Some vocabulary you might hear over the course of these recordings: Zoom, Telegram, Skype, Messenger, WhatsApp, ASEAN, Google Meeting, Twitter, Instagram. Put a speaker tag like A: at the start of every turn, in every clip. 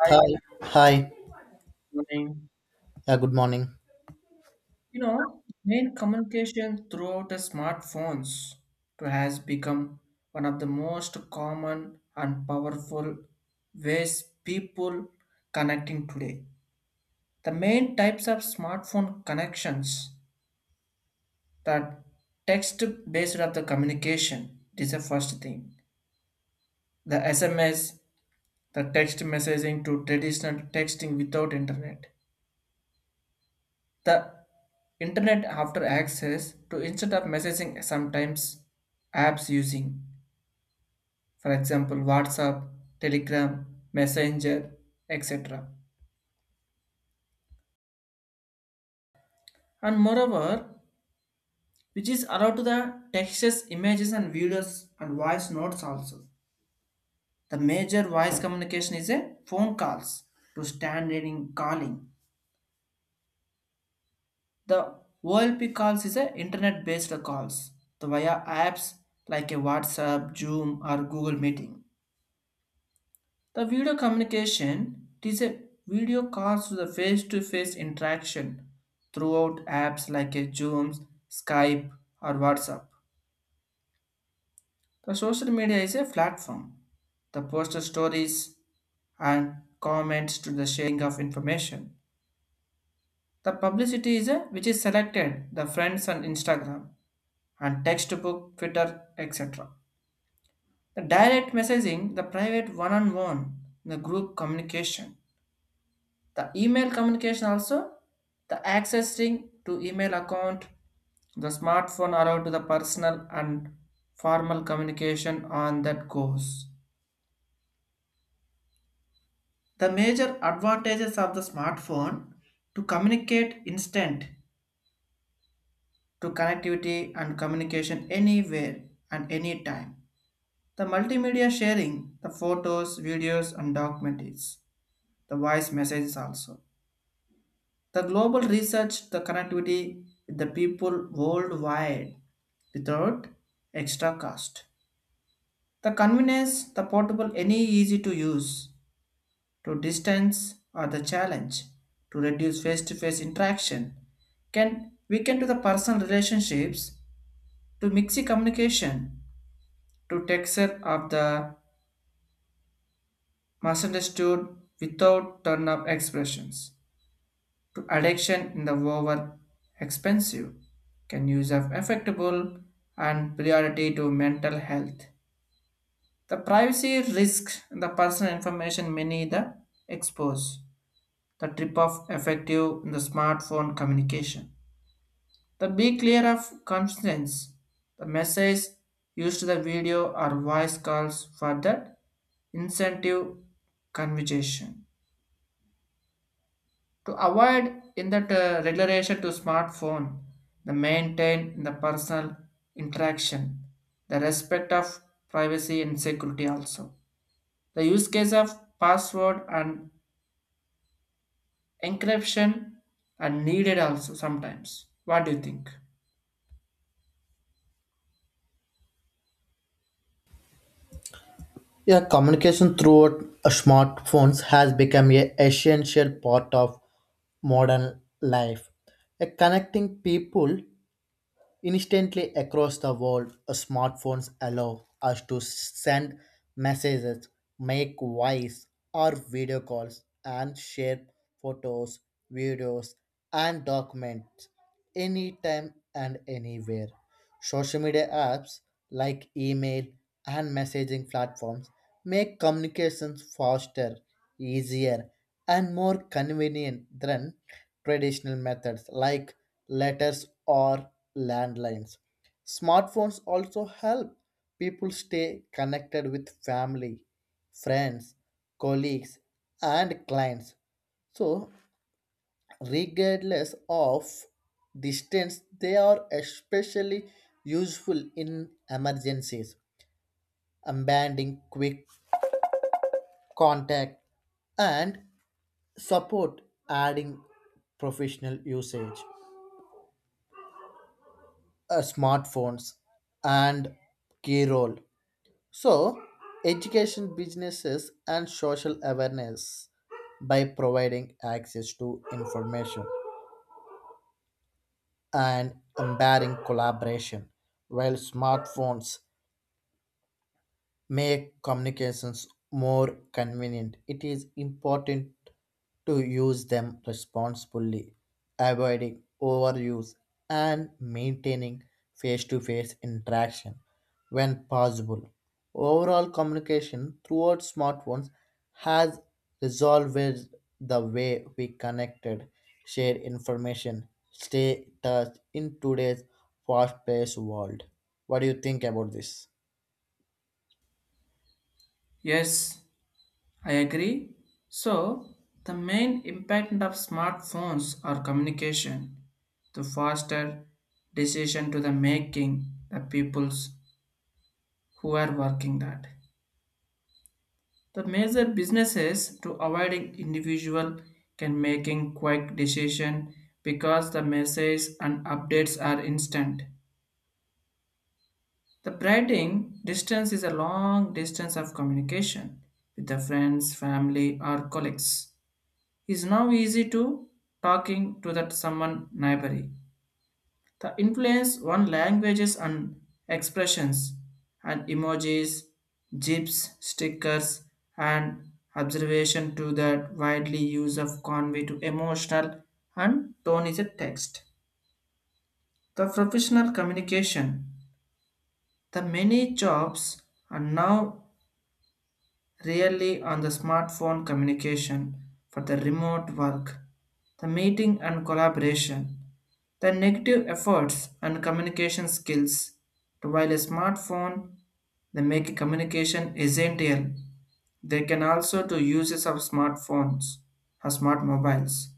A: Hi,
B: Hi, hi.
A: morning.
B: Yeah, good morning.
A: You know, main communication throughout the smartphones to has become one of the most common and powerful ways people connecting today. The main types of smartphone connections that text based of the communication, this is the first thing. The SMS, the text messaging to traditional texting without internet. The internet after access to instead of messaging sometimes apps using, for example, WhatsApp, Telegram, Messenger, etc. And moreover, which is allowed to the texts, images, and videos and voice notes also. The major voice communication is a phone calls to stand reading calling. The OLP calls is a internet based calls the via apps like a WhatsApp, Zoom, or Google Meeting. The video communication it is a video calls to the face-to-face interaction throughout apps like a Zoom, Skype, or WhatsApp. The social media is a platform. The poster stories and comments to the sharing of information. The publicity is a which is selected the friends on Instagram and textbook, Twitter, etc. The direct messaging, the private one-on-one, the group communication. The email communication also, the accessing to email account, the smartphone allowed to the personal and formal communication on that goes. The major advantages of the smartphone to communicate instant, to connectivity and communication anywhere and anytime. The multimedia sharing, the photos, videos and documents, the voice messages also. The global research, the connectivity with the people worldwide without extra cost. The convenience, the portable, any easy to use, to distance or the challenge, to reduce face-to-face interaction, can weaken to the personal relationships, to mixy communication, to texture of the misunderstood without turn-up expressions. To addiction in the over expensive can use of affectable and priority to mental health. The privacy risk and the personal information many the expose. The trip of effective in the smartphone communication. The be clear of conscience. The message used to the video or voice calls for that incentive conversation. To avoid in that regulation to smartphone, the maintain the personal interaction, the respect of privacy and security also. The use case of password and encryption are needed also sometimes. What do you think?
B: Yeah, communication through smartphones has become a essential part of modern life. Connecting people instantly across the world, smartphones allow us to send messages, make voice or video calls, and share photos, videos, and documents anytime and anywhere. Social media apps like email and messaging platforms make communications faster, easier, and more convenient than traditional methods like letters or landlines. Smartphones also help people stay connected with family, friends, colleagues, and clients. So, regardless of distance, they are especially useful in emergencies, abandoning quick contact and support, adding professional usage, smartphones and key role, so education, businesses, and social awareness by providing access to information and empowering collaboration. While smartphones make communications more convenient, it is important to use them responsibly, avoiding overuse and maintaining face to face interaction when possible. Overall, communication throughout smartphones has resolved the way we connected, share information, stay touch in today's fast paced world. What do you think about this?
A: Yes, I agree. So, the main impact of smartphones are communication, to foster decision to the making the peoples who are working that. The major businesses to avoiding individual can making quick decision because the message and updates are instant. The writing distance is a long distance of communication with the friends, family or colleagues. It's now easy to talking to that someone neighbor. The influence on languages and expressions and emojis, gifs, stickers, and observation to the widely use of convey to emotional and tone is a text. The professional communication. The many jobs are now really on the smartphone communication for the remote work, the meeting and collaboration, the negative efforts and communication skills. While a smartphone they make communication essential, they can also do uses of smartphones or smart mobiles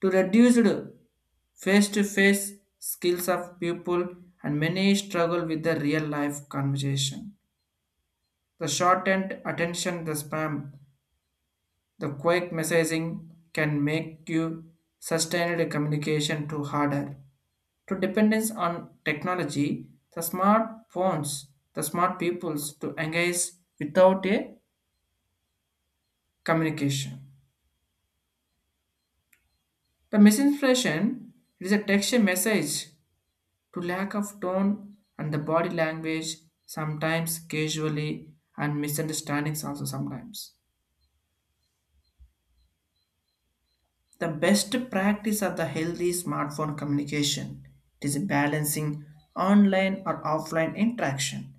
A: to reduce the face-to-face skills of people and many struggle with the real life conversation. The shortened attention, the spam. The quick messaging can make you sustained communication too harder. To dependence on technology, the smartphones, the smart peoples to engage without a communication. The misinformation is a text message to lack of tone and the body language sometimes casually and misunderstandings also sometimes. The best practice of the healthy smartphone communication is balancing online or offline interaction.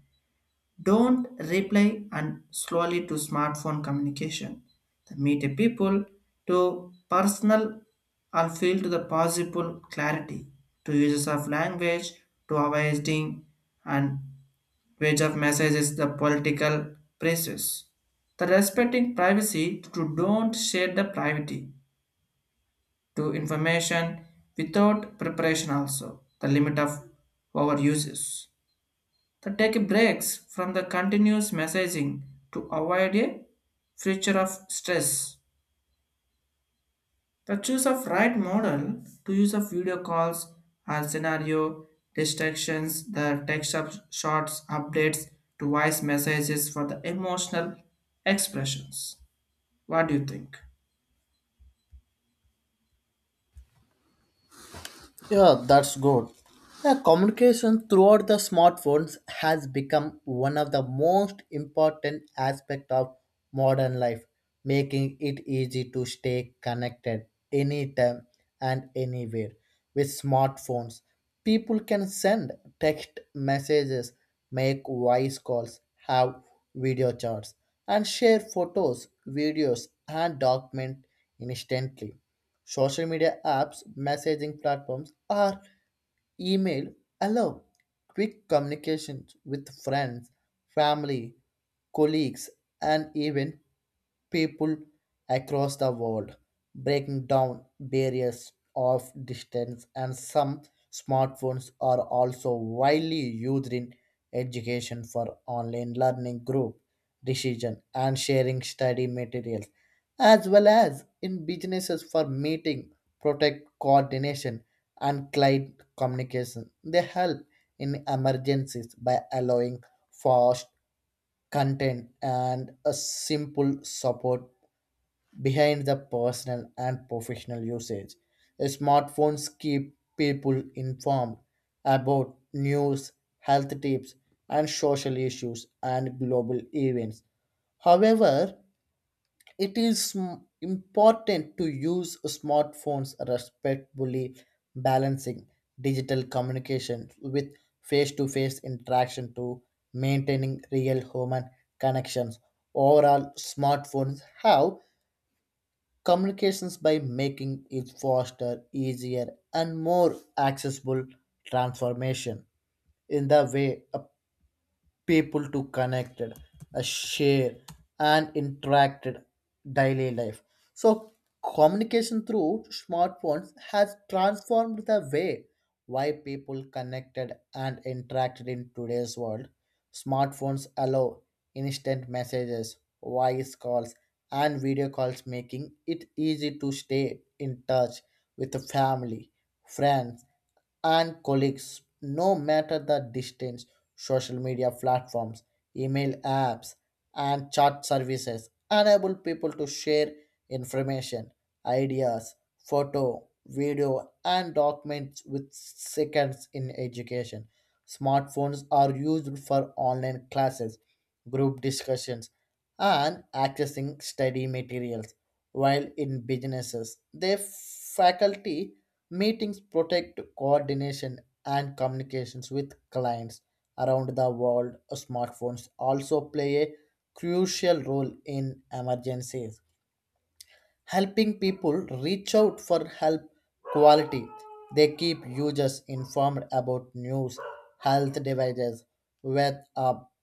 A: Don't reply and slowly to smartphone communication. The meet a people to personal or feel to the possible clarity to uses of language to avoiding and wage of messages the political praises. The respecting privacy to don't share the privacy to information without preparation also the limit of our uses. The take breaks from the continuous messaging to avoid a future of stress, the choose of right model to use of video calls and scenario distractions, the text of shots updates to voice messages for the emotional expressions. What do you think?
B: Yeah, that's good. Yeah, communication throughout the smartphones has become one of the most important aspect of modern life, making it easy to stay connected anytime and anywhere. With smartphones, people can send text messages, make voice calls, have video chats, and share photos, videos, and documents instantly. Social media apps, messaging platforms, or email allow quick communications with friends, family, colleagues, and even people across the world, breaking down barriers of distance. And some smartphones are also widely used in education for online learning, group decision and sharing study materials, as well as in businesses for meeting, protect coordination, and client communication. They help in emergencies by allowing fast content and a simple support behind the personal and professional usage. Smartphones keep people informed about news, health tips, and social issues and global events. However, it is important to use smartphones respectfully, balancing digital communication with face to face interaction, to maintaining real human connections. Overall, smartphones have communications by making it faster, easier, and more accessible, transformation in the way a people to connected, share, and interacted daily life. So communication through smartphones has transformed the way why people connected and interacted in today's world. Smartphones allow instant messages, voice calls, and video calls, making it easy to stay in touch with the family, friends, and colleagues, no matter the distance. Social media platforms, email apps, and chat services enable people to share information, ideas, photo, video, and documents with seconds in education. Smartphones are used for online classes, group discussions, and accessing study materials. While in businesses, their faculty meetings, protect coordination and communications with clients around the world. Smartphones also play a crucial role in emergencies, helping people reach out for help quality. They keep users informed about news, health devices, weather,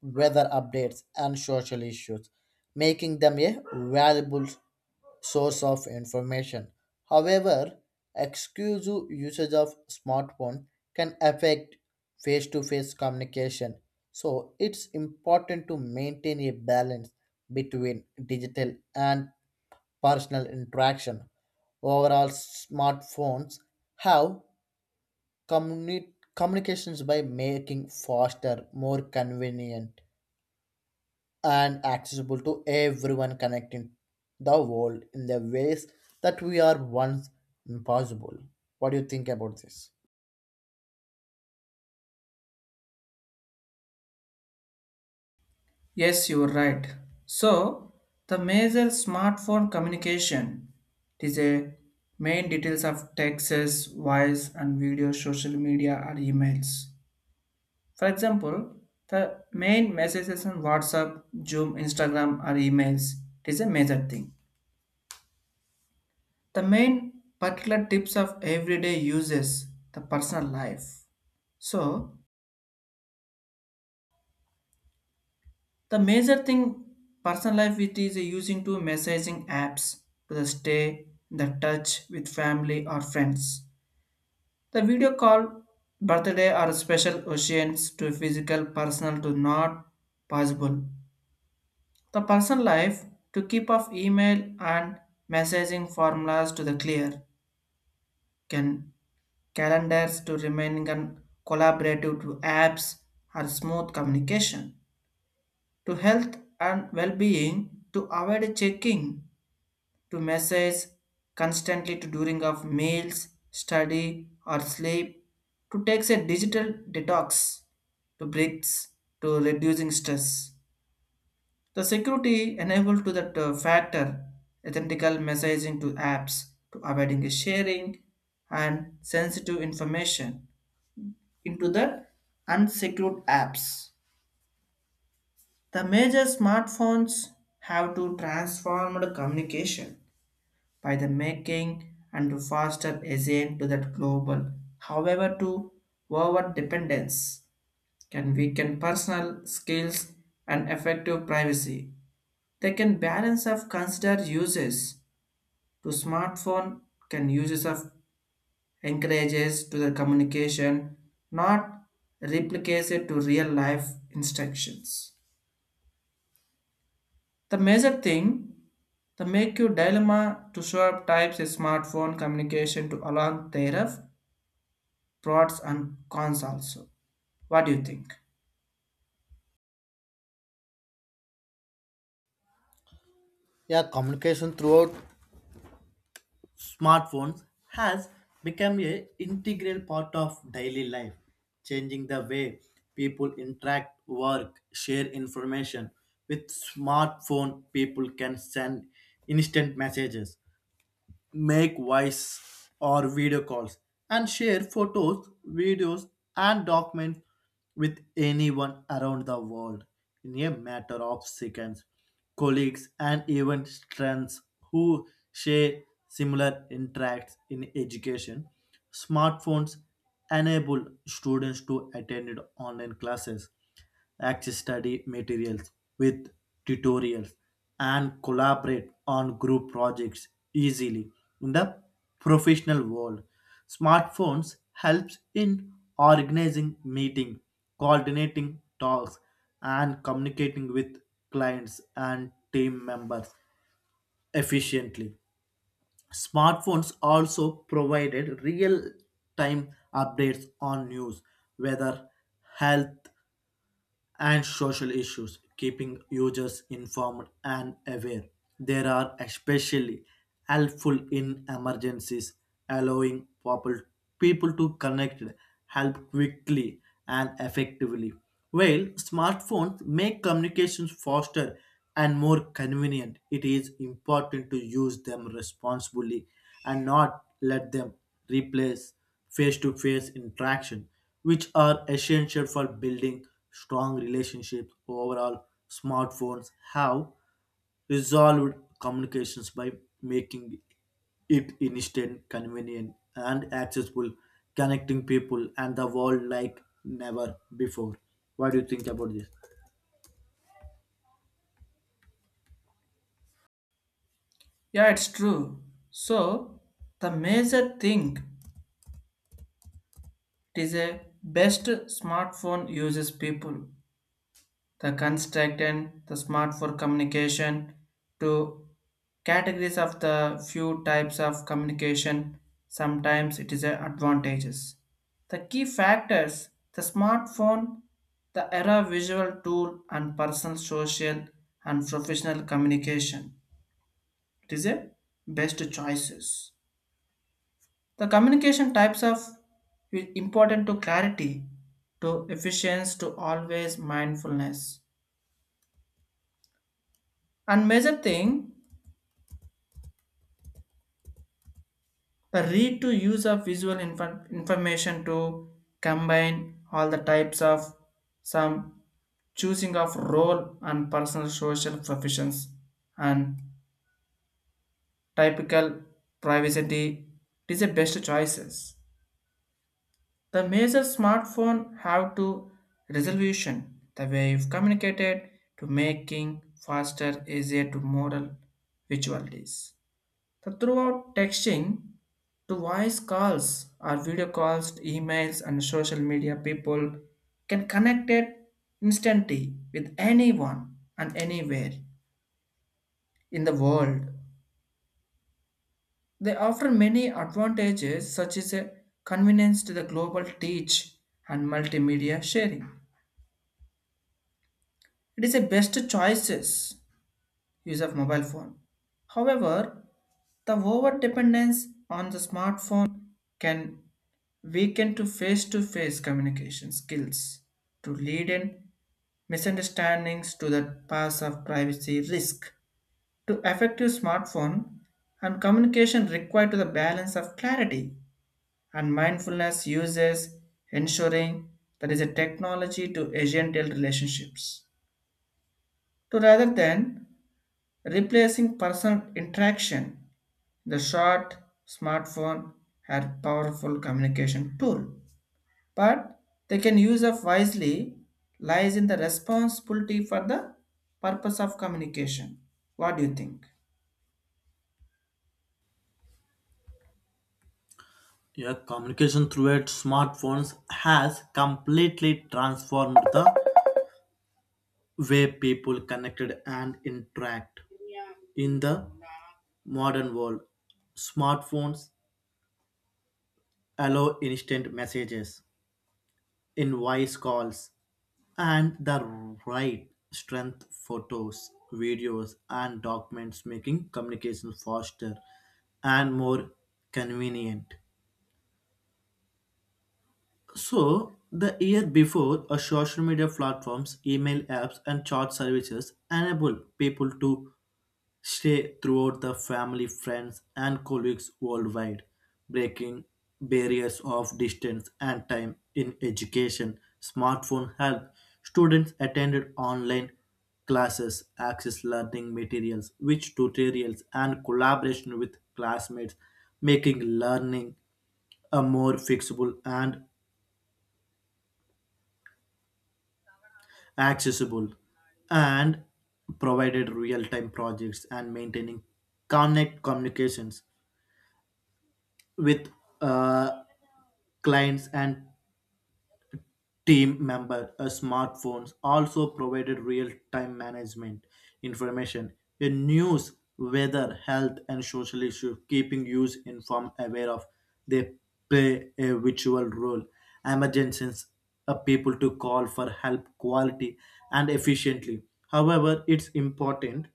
B: weather updates, and social issues, making them a valuable source of information. However, exclusive usage of smartphone can affect face-to-face communication. So it's important to maintain a balance between digital and personal interaction. Overall, smartphones have communications by making faster, more convenient, and accessible to everyone, connecting the world in the ways that we are once impossible. What do you think about this?
A: Yes, you are right. So, the major smartphone communication it is a main details of texts, voice and video, social media or emails. For example, the main messages on WhatsApp, Zoom, Instagram or emails, it is a major thing. The main particular tips of everyday uses, the personal life. So, the major thing personal life it is using to messaging apps to the stay in the touch with family or friends. The video call, birthday or special occasions to physical personal to not possible. The personal life to keep off email and messaging formulas to the clear can calendars to remaining and collaborative to apps or smooth communication to health and well-being to avoid checking to message constantly to during of meals, study or sleep, to takes a digital detox, to breaks, to reducing stress. The security enabled to that factor, ethical messaging to apps, to avoiding sharing and sensitive information into the unsecured apps. The major smartphones have to transform the communication by the making and to foster ASEAN to that global. However, to over dependence can weaken personal skills and effective privacy. They can balance of consider uses to smartphone can uses of encourages to the communication, not replicates it to real life instructions. The major thing, the make you dilemma to show up types is smartphone communication to along thereof pros and cons also. What do you think?
B: Yeah, communication throughout smartphones has become a integral part of daily life, changing the way people interact, work, share information. With smartphone, people can send instant messages, make voice or video calls, and share photos, videos, and documents with anyone around the world in a matter of seconds. Colleagues and even friends who share similar interests. In education, smartphones enable students to attend online classes, access study materials with tutorials, and collaborate on group projects easily. In the professional world, smartphones helps in organizing meeting, coordinating talks, and communicating with clients and team members efficiently. Smartphones also provided real time updates on news, weather, health, and social issues, keeping users informed and aware. They are especially helpful in emergencies, allowing people to connect, help quickly and effectively. While smartphones make communications faster and more convenient, it is important to use them responsibly and not let them replace face to face interaction, which are essential for building strong relationships. Overall, smartphones have resolved communications by making it instant, convenient, and accessible, connecting people and the world like never before. What do you think about this?
A: Yeah, it's true. So the major thing, it is a best smartphone uses people. The construct and the smart for communication to categories of the few types of communication. Sometimes it is a advantages. The key factors, the smartphone, the era visual tool, and personal, social, and professional communication. It is a best choices. The communication types of important to clarity, to efficiency, to always mindfulness. And major thing, the read to use of visual information to combine all the types of some choosing of role and personal social professions and typical privacy, it is the best choices. The major smartphone have to resolution the way you've communicated to making faster, easier to model visualities. The throughout texting to voice calls or video calls, to emails and social media, people can connect it instantly with anyone and anywhere in the world. They offer many advantages such as a convenience to the global teach and multimedia sharing. It is a best choices use of mobile phone. However, the over dependence on the smartphone can weaken to face communication skills to lead in misunderstandings to the path of privacy risk to effective smartphone and communication required to the balance of clarity and mindfulness uses ensuring that is a technology to agential relationships to rather than replacing personal interaction. The short smartphone are powerful communication tool, but they can use up wisely lies in the responsibility for the purpose of communication. What do you think?
B: Yeah, communication through its smartphones has completely transformed the way people connected and interact. In the modern world, smartphones allow instant messages, invoice calls, and the right strength photos, videos, and documents, making communication faster and more convenient. So, the year before, a social media platforms, email apps, and chat services enable people to stay throughout the family, friends, and colleagues worldwide, breaking barriers of distance and time. In education, smartphone help students attended online classes, access learning materials, which tutorials, and collaboration with classmates, making learning a more fixable and accessible, and provided real-time projects and maintaining connect communications with uh, clients and team member. Smartphones also provided real-time management information in news, weather, health, and social issues, keeping users informed aware of. They play a virtual role emergencies, people to call for help quality and efficiently. However, it's important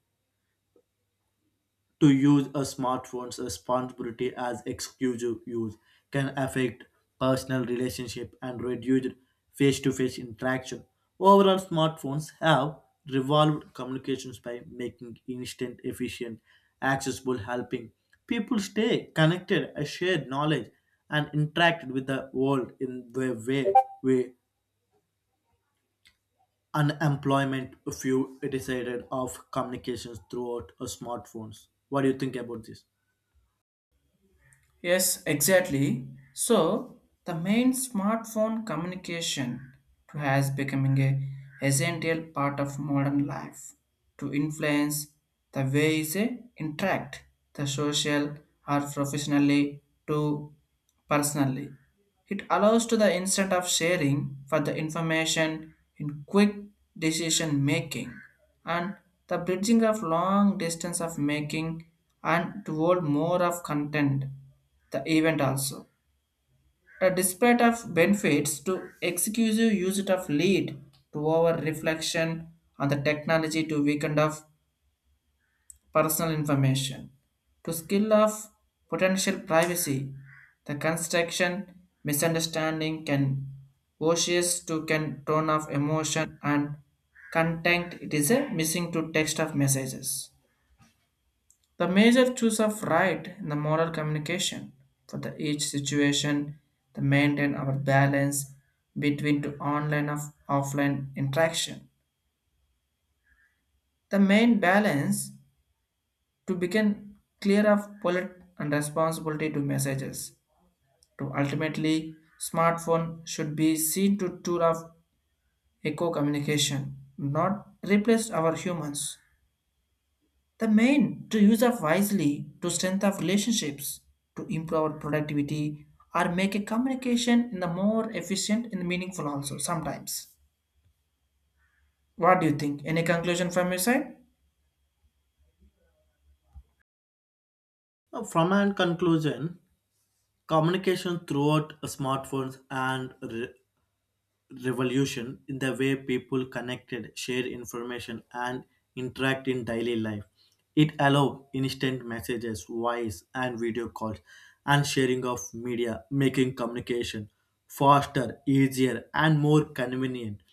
B: to use a smartphone's responsibility, as exclusive use can affect personal relationship and reduce face-to-face interaction. Overall, smartphones have revolved communications by making instant, efficient, accessible, helping people stay connected, share knowledge, and interact with the world in the way we unemployment few decided of communications throughout smartphones. What do you think about this?
A: Yes, exactly. So the main smartphone communication has becoming a essential part of modern life to influence the way they interact, the social or professionally to personally. It allows to the instant of sharing for the information in quick decision making and the bridging of long distance of making and toward more of content the event also. The display of benefits to exclusive usage of lead to our reflection on the technology to weaken of personal information to skill of potential privacy. The construction misunderstanding can voices to can tone of emotion and content, it is a missing to text of messages. The major choice of right in the moral communication for the each situation to maintain our balance between to online of offline interaction. The main balance to become clear of bullet and responsibility to messages. To ultimately, smartphone should be seen to tool of eco communication, not replace our humans. The main to use up wisely to strengthen relationships, to improve our productivity, or make a communication in the more efficient and meaningful also sometimes. What do you think? Any conclusion from your side?
B: Now, from an conclusion, communication throughout smartphones and revolution in the way people connected, share information, and interact in daily life. It allow instant messages, voice, and video calls, and sharing of media, making communication faster, easier, and more convenient.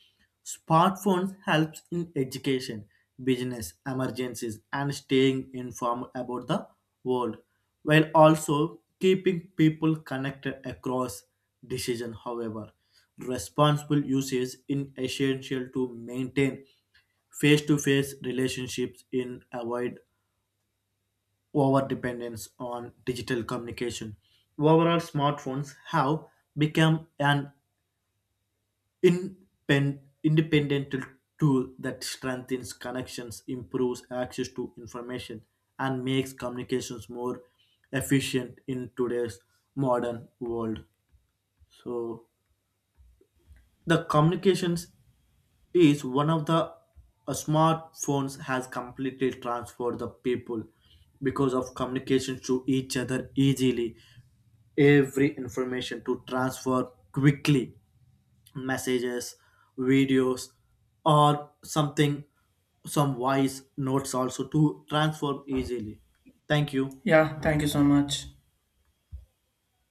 B: Smartphones helps in education, business, emergencies, and staying informed about the world, while also keeping people connected across decision. However, responsible usage is essential to maintain face-to-face relationships in avoid over dependence on digital communication. Overall, smartphones have become an independent tool that strengthens connections, improves access to information, and makes communications more efficient in today's modern world. So the communications is one of the smartphones has completely transformed the people because of communication to each other easily, every information to transfer quickly, messages, videos, or something, some voice notes also to transform easily. Thank you.
A: Yeah, thank you so much.